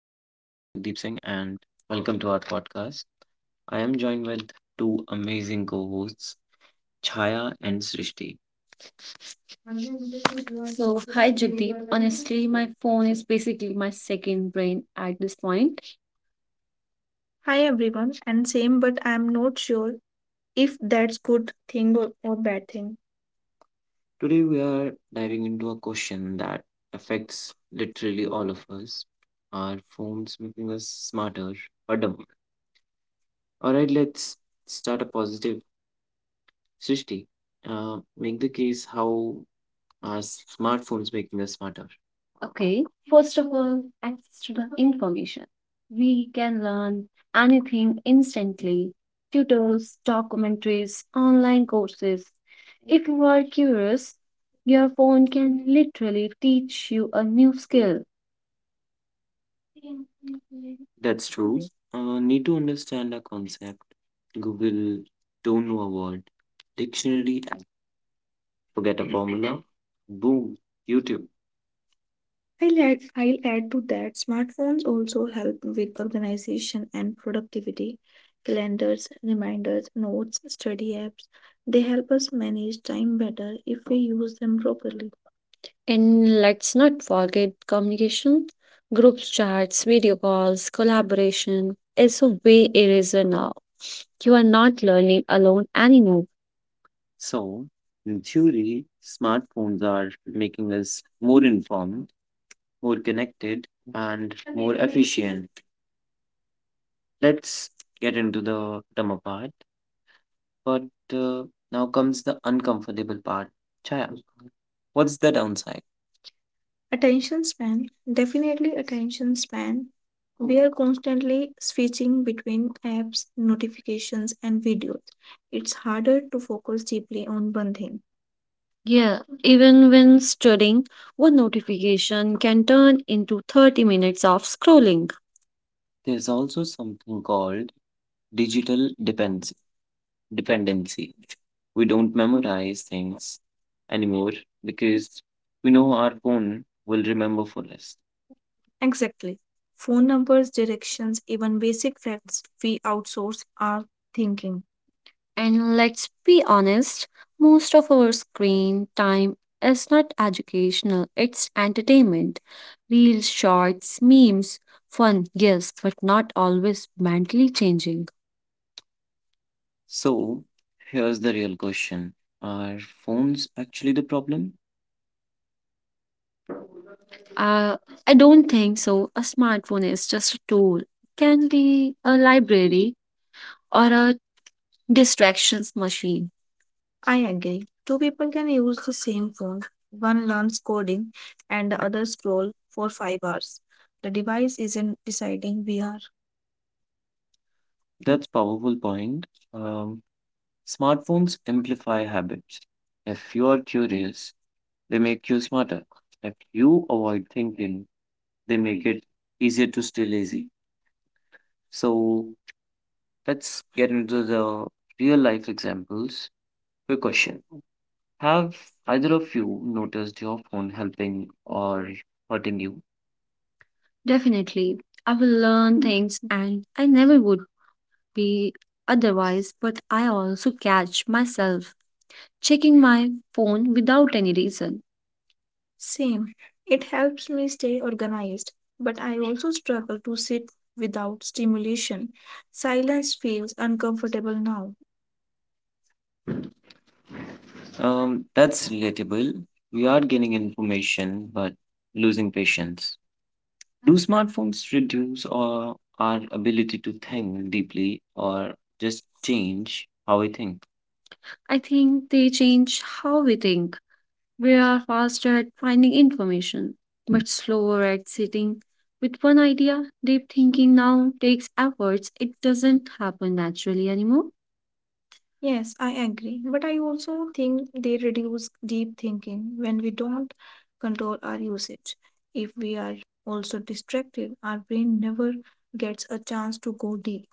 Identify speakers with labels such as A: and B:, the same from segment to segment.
A: Jagdeep Singh, and welcome to our podcast. I am joined with two amazing co hosts, Chaya and Srishti. Phone is basically my second brain at this point. Hi everyone, and same, but I'm not sure if that's good thing or bad thing. Today, we are diving into a question that affects literally all of us. Are phones making us smarter or dumber? Alright, let's start a positive Srishti. Make the case how our smartphones making us smarter. Okay, first of all, access to the information. We can learn anything instantly tutors, documentaries, online courses. If you are curious, your phone can literally teach you a new skill. That's true. Need to understand a concept. Google, don't know a word. Dictionary, forget a formula. Boom, YouTube. I'll add to that smartphones also help with organization and productivity. Calendars, reminders, notes, study apps, they help us manage time better if we use them properly. And let's not forget communication. Group chats, video calls, collaboration is a way eraser now. You are not learning alone anymore. So, in theory, smartphones are making us more informed, more connected, and more efficient. Let's get into the dumber part. But uh, now comes the uncomfortable part. Chaya, what's the downside? Attention span, definitely attention span. We are constantly switching between apps, notifications, and videos. It's harder to focus deeply on one thing. Yeah, even when studying, one notification can turn into 30 minutes of scrolling. There's also something called digital depends dependency. We don't memorize things anymore because we know our phone will remember for us. Exactly. Phone numbers, directions, even basic facts we outsource our thinking. And let's be honest, most of our screen time is not educational, it's entertainment. Reels, shorts, memes, fun, yes, but not always mentally changing. So, here's the real question. Are phones actually the problem? Uh, I don't think so. A smartphone is just a tool, it can be a library or a distractions machine. I agree. Two people can use the same phone. One learns coding and the other scroll for 5 hours. The device isn't deciding we are. That's powerful point. Um, smartphones amplify habits. If you are curious, they make you smarter. If you avoid thinking, they make it easier to stay lazy. So let's get into the real life examples. Quick question. Have either of you noticed your phone helping or hurting you? Definitely. I will learn things and I never would be otherwise, but I also catch myself checking my phone without any reason. Same. It helps me stay organized, but I also struggle to sit without stimulation. Silence feels uncomfortable now. That's relatable. We are getting information, but losing patience. Do smartphones reduce our ability to think deeply or just change how we think? I think they change how we think. We are faster at finding information, but slower at sitting with one idea. Deep thinking now takes efforts, it doesn't happen naturally anymore. Yes, I agree. But I also think they reduce deep thinking when we don't control our usage. If we are also distracted, our brain never gets a chance to go deep.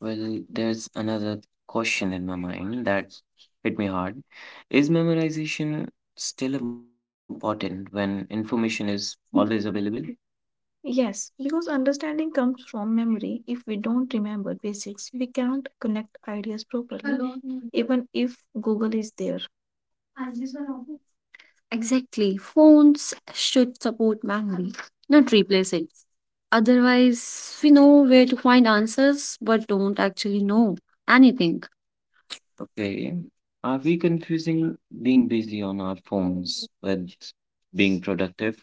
A: Well, there's another question in my mind that hit me hard. Is memorization still important when information is always available? Yes, because understanding comes from memory. If we don't remember basics, we cannot connect ideas properly even if Google is there. Exactly. Phones should support memory, not replace it. Otherwise, we know where to find answers but don't actually know anything. Okay. Are we confusing being busy on our phones with being productive?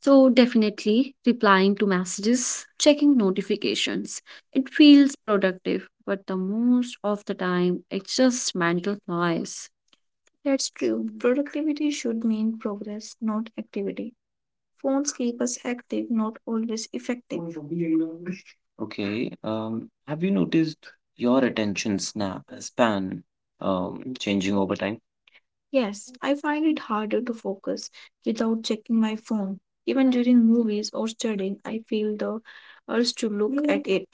A: So, definitely replying to messages, checking notifications. It feels productive, but the most of the time, it's just mental noise. That's true. Productivity should mean progress, not activity. Phones keep us active, not always effective. Okay, have you noticed your attention sna span changing over time? Yes, I find it harder to focus without checking my phone. Even during movies or studying, I feel the urge to look at it.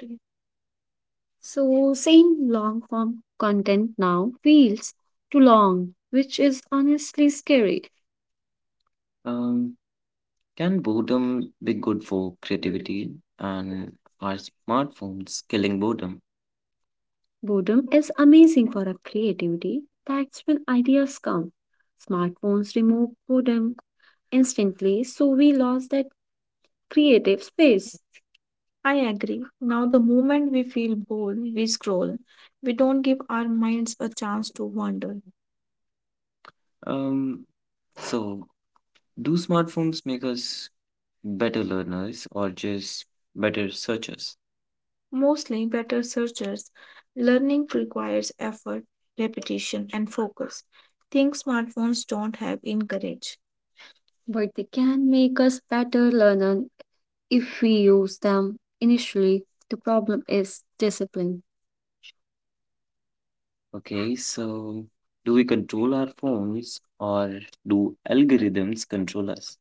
A: So, same long form content now feels too long, which is honestly scary. Um, Can boredom be good for creativity? And are smartphones killing boredom? Boredom is amazing for our creativity. That's when ideas come. Smartphones remove boredom instantly, so we lost that creative space. I agree. Now, the moment we feel bored, we scroll. We don't give our minds a chance to wander. Um, so do smartphones make us better learners or just better searchers? Mostly better searchers, learning requires effort, repetition, and focus. Things smartphones don't have encourage. But they can make us better learners if we use them initially. The problem is discipline. Okay, so do we control our phones or do algorithms control us?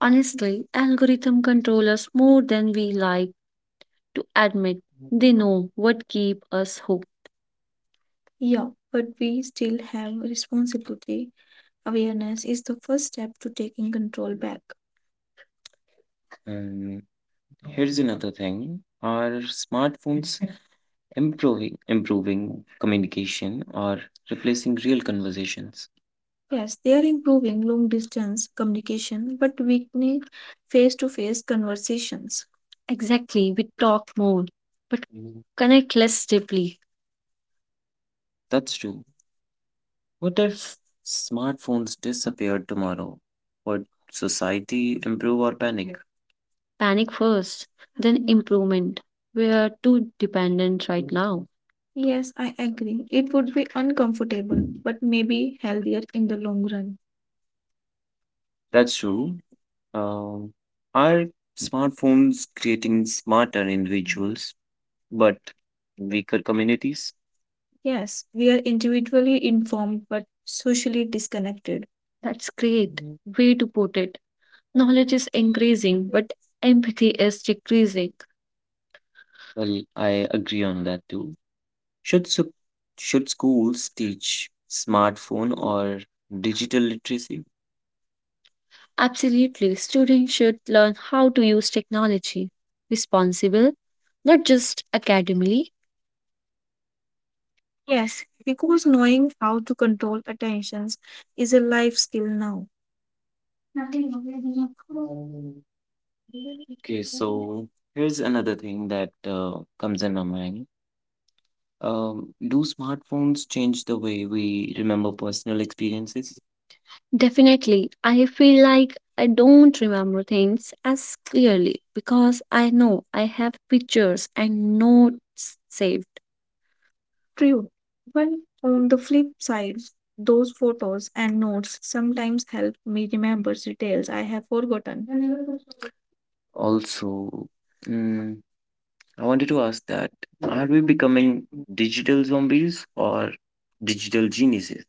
A: Honestly, algorithm control us more than we like to admit. They know what keep us hooked. Yeah, but we still have responsibility. Awareness is the first step to taking control back. And here's another thing. Are smartphones improving communication or replacing real conversations? Yes, they are improving long distance communication but weakening face to face conversations. Exactly, we talk more, but connect less deeply. That's true. What if smartphones disappeared tomorrow? Would society improve or panic? Panic first, then improvement. We are too dependent right now. Yes, I agree. It would be uncomfortable but maybe healthier in the long run. That's true. Um, are smartphones creating smarter individuals but weaker communities? Yes, we are individually informed but socially disconnected. That's great way to put it. Knowledge is increasing, but empathy is decreasing. Well, I agree on that too. Should su- should schools teach smartphone or digital literacy? Absolutely, students should learn how to use technology responsible, not just academically. Yes, because knowing how to control attentions is a life skill now. So here's another thing that comes in my mind. Do smartphones change the way we remember personal experiences? Definitely, I feel like I don't remember things as clearly because I know I have pictures and notes saved. True. Well, on the flip side, those photos and notes sometimes help me remember details I have forgotten. Also, mm, I wanted to ask that are we becoming digital zombies or digital geniuses?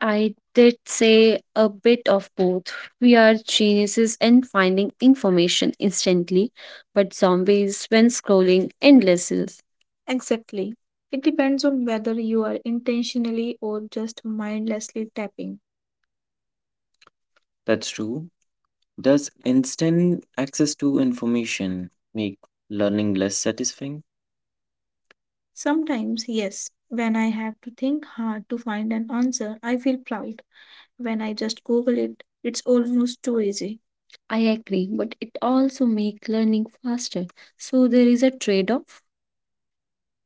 A: I did say a bit of both. We are geniuses in finding information instantly, but zombies when scrolling endlessly. Exactly. It depends on whether you are intentionally or just mindlessly tapping. That's true. Does instant access to information make learning less satisfying? Sometimes, yes, when I have to think hard to find an answer, I feel proud. When I just Google it, it's almost too easy. I agree, but it also makes learning faster. So there is a trade off.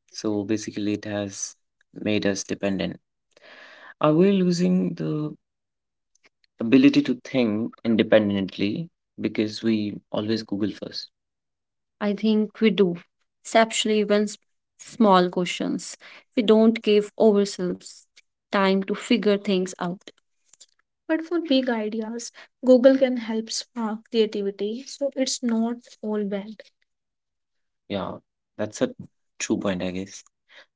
A: So basically, it has made us dependent. Are we losing the ability to think independently because we always Google first? I think we do, especially when small questions. We don't give ourselves time to figure things out. But for big ideas, Google can help spark creativity, so it's not all bad. Yeah, that's a true point, I guess.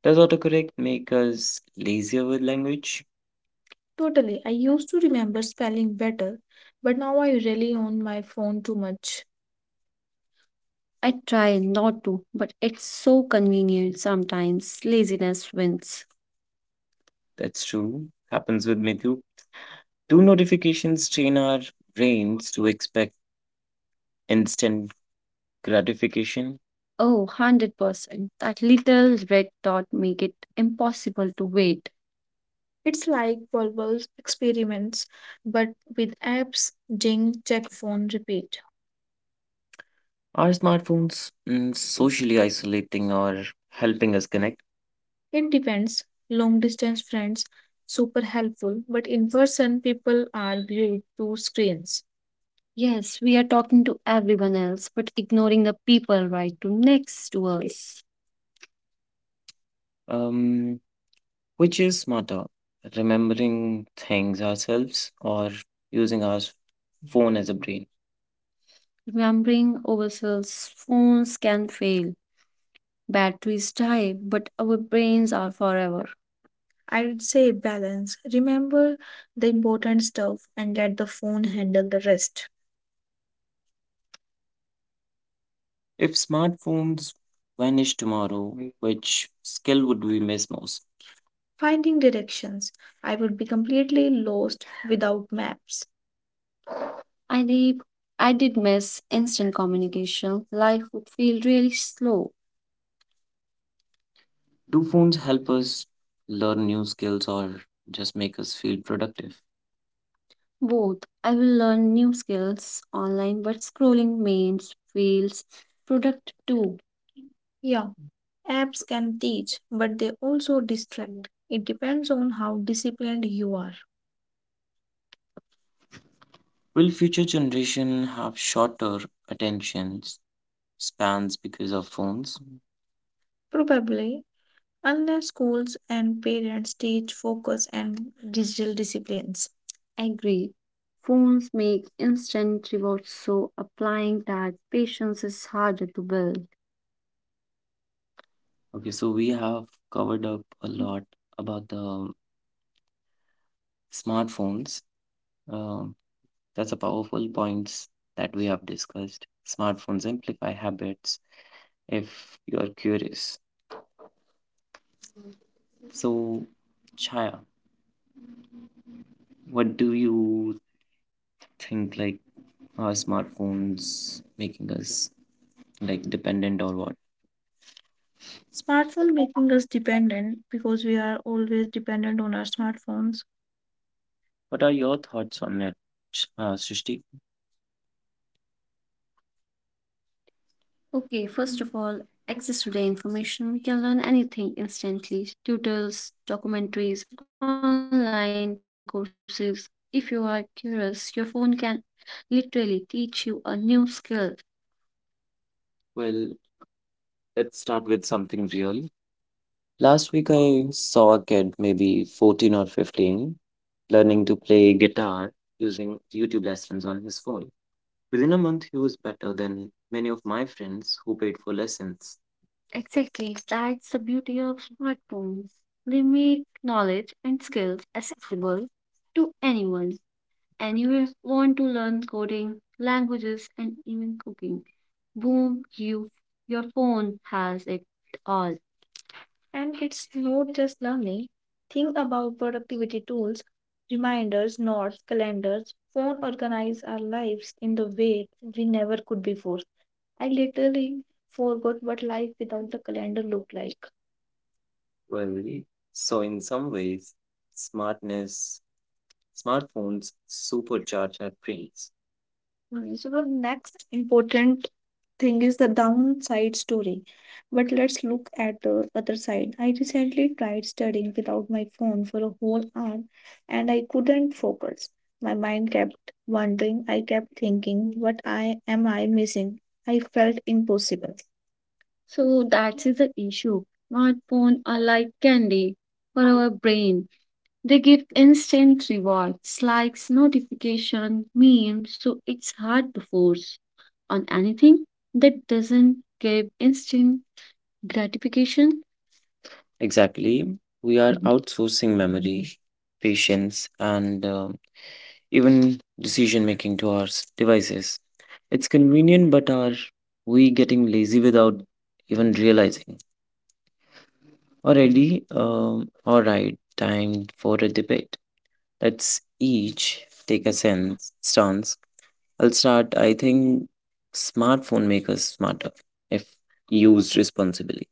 A: Does autocorrect make us lazier with language? Totally. I used to remember spelling better, but now I rely on my phone too much. I try not to, but it's so convenient sometimes. Laziness wins. That's true. Happens with me too. Do notifications train our brains to expect instant gratification? Oh, 100%. That little red dot make it impossible to wait. It's like verbal experiments, but with apps, ding, check phone, repeat. Are smartphones socially isolating or helping us connect? It depends. Long distance friends, super helpful, but in person, people are glued to screens. Yes, we are talking to everyone else, but ignoring the people right to next to us. Um, which is smarter, remembering things ourselves or using our phone as a brain? Remembering ourselves, phones can fail, batteries die, but our brains are forever. I would say balance. Remember the important stuff and let the phone handle the rest. If smartphones vanish tomorrow, which skill would we miss most? Finding directions. I would be completely lost without maps. I did, I did miss instant communication. Life would feel really slow. Do phones help us learn new skills or just make us feel productive? Both. I will learn new skills online, but scrolling memes feels product too. Yeah, apps can teach, but they also distract. It depends on how disciplined you are. Will future generation have shorter attention spans because of phones? Probably Unless schools and parents teach focus and digital disciplines. Agree. Phones make instant rewards, so applying that patience is harder to build. Okay, so we have covered up a lot about the smartphones. Um, that's a powerful points that we have discussed. Smartphones amplify habits if you're curious. So, Chaya, what do you think like Are smartphones making us like dependent or what? Smartphone making us dependent because we are always dependent on our smartphones. What are your thoughts on it, Srishti? Okay, first of all, access to the information. We can learn anything instantly: tutors, documentaries, online courses. If you are curious, your phone can literally teach you a new skill. Well, let's start with something real. Last week I saw a kid, maybe 14 or 15, learning to play guitar using YouTube lessons on his phone. Within a month, he was better than many of my friends who paid for lessons. Exactly. That's the beauty of smartphones. They make knowledge and skills accessible to anyone. And you want to learn coding, languages, and even cooking. Boom, your phone has it all. And it's not just learning. Think about productivity tools, reminders, notes, calendars. Phone organize our lives in the way we never could before. I literally forgot what life without the calendar looked like. Well, so in some ways, smartness, smartphones supercharge our brains. Okay, so the next important thing is the downside story. But let's look at the other side. I recently tried studying without my phone for a whole hour, and I couldn't focus. My mind kept wandering. I kept thinking, what I missing? I felt impossible. So that is the issue. Smartphone are like candy for our brain. They give instant rewards, likes, notification, memes, so it's hard to force on anything that doesn't give instant gratification. Exactly. We are outsourcing memory, patience, and even decision making to our devices. It's convenient, but are we getting lazy without even realizing? Already, all right, time for a debate. Let's each take a stance. I'll start. I think smartphone make us smarter if used responsibly.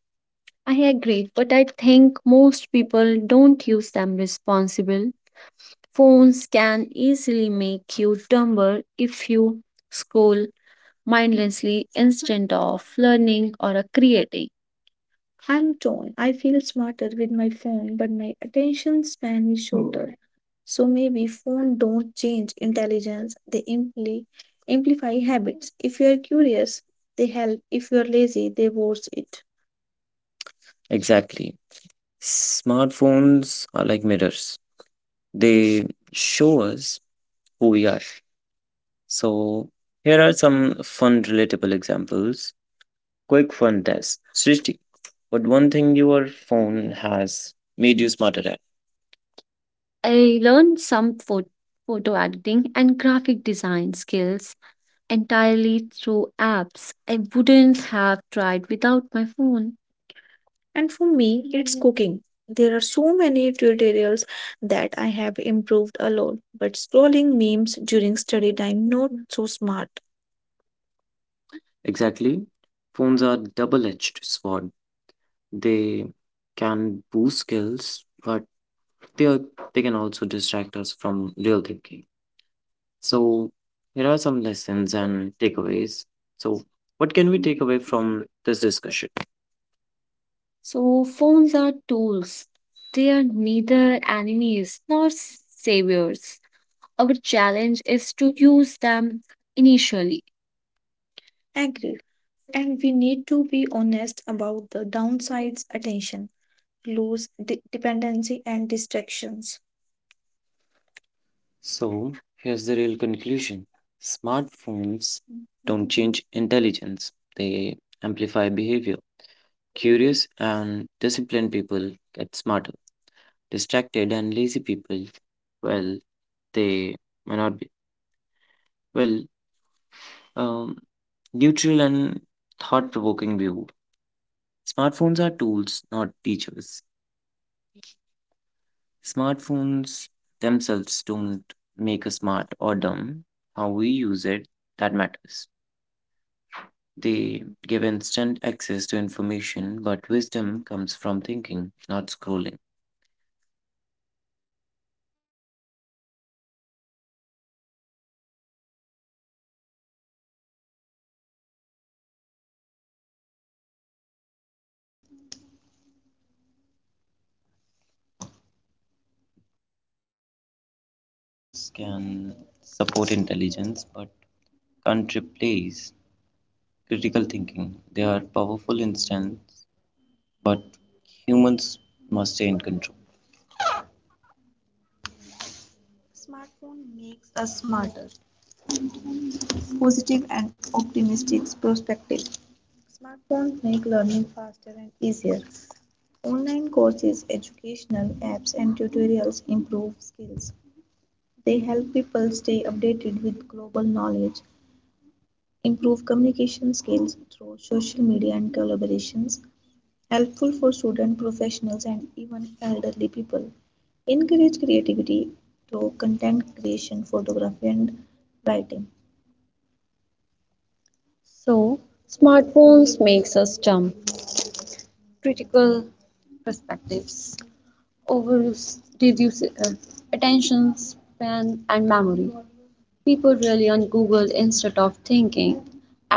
A: I agree, but I think most people don't use them responsible. Phones can easily make you dumber if you scroll mindlessly instead of learning or creating. I'm torn. I feel smarter with my phone, but my attention span is so maybe phone don't change intelligence, they amplify habits. If you are curious, they help. If you are lazy, they worse it. Exactly. Smartphones are like mirrors, they show us who we are. So, here are some fun, relatable examples. Quick fun test. Srishti, what one thing your phone has made you smarter at? I learned some photo editing and graphic design skills entirely through apps I wouldn't have tried without my phone. And for me, cooking. There are so many tutorials that I have improved alone, but scrolling memes during study time, not so smart. Exactly. Phones are double-edged sword. They can boost skills, but they are, they can also distract us from real thinking. So here are some lessons and takeaways. So what can we take away from this discussion? So, phones are tools. They are neither enemies nor saviors. Our challenge is to use them initially. Agree. And we need to be honest about the downsides: attention, lose dependency, and distractions. So, here's the real conclusion: smartphones don't change intelligence, they amplify behavior. Curious and disciplined people get smarter. Distracted and lazy people, well, they may not be, well, um, neutral and thought provoking view. Smartphones are tools, not teachers. Smartphones themselves don't make us smart or dumb. How we use it, that matters. They give instant access to information, but wisdom comes from thinking, not scrolling.
B: Songs can support intelligence but can't replace critical thinking. They are powerful instants, but humans must stay in control. Smartphone makes us smarter. Positive and optimistic perspective. Smartphones make learning faster and easier. Online courses, educational apps, and tutorials improve skills. They help people stay updated with global knowledge. Improve communication skills through social media and collaborations, helpful for students, professionals, and even elderly people. Encourage creativity through content creation, photography, and writing. So, smartphones makes us dumb. Critical perspectives, over reduce attention span and memory. People rely on Google instead of thinking.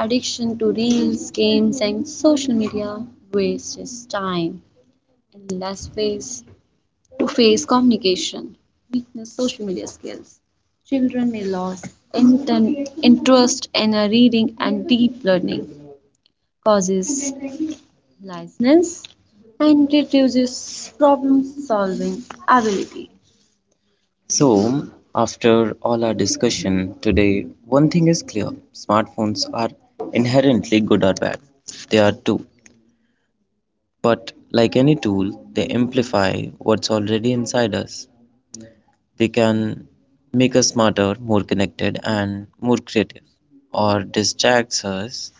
B: Addiction to reels, games, and social media wastes time and less face to face communication. Weakness social media skills. Children may lose interest in reading and deep learning, causes laziness, and reduces problem solving ability. So, after all our discussion today, one thing is clear smartphones are inherently good or bad. They are too. But like any tool, they amplify what's already inside us. They can make us smarter, more connected, and more creative, or distracts us,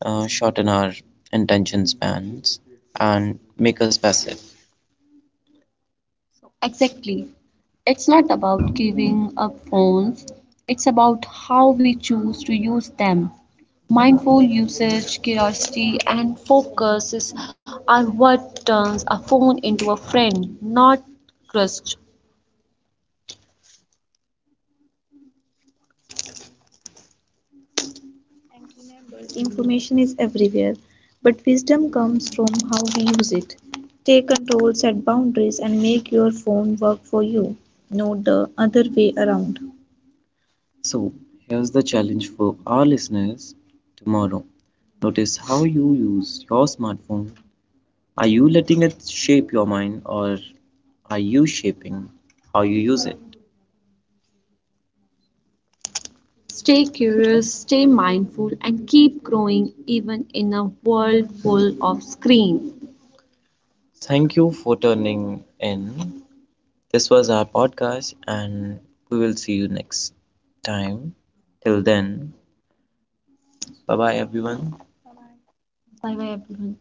B: shorten our attention spans, and make us passive. Exactly. It's not about giving up phones, it's about how we choose to use them. Mindful usage, curiosity, and focus are what turns a phone into a friend, not crutch. Information is everywhere, but wisdom comes from how we use it. Take control, set boundaries, and make your phone work for you, not the other way around. So here's the challenge for our listeners tomorrow. Notice how you use your smartphone. Are you letting it shape your mind or are you shaping how you use it? Stay curious, stay mindful, and keep growing even in a world full of screens. Thank you for tuning in. This was our podcast, and we will see you next time. Till then, bye bye, everyone. Bye bye, everyone.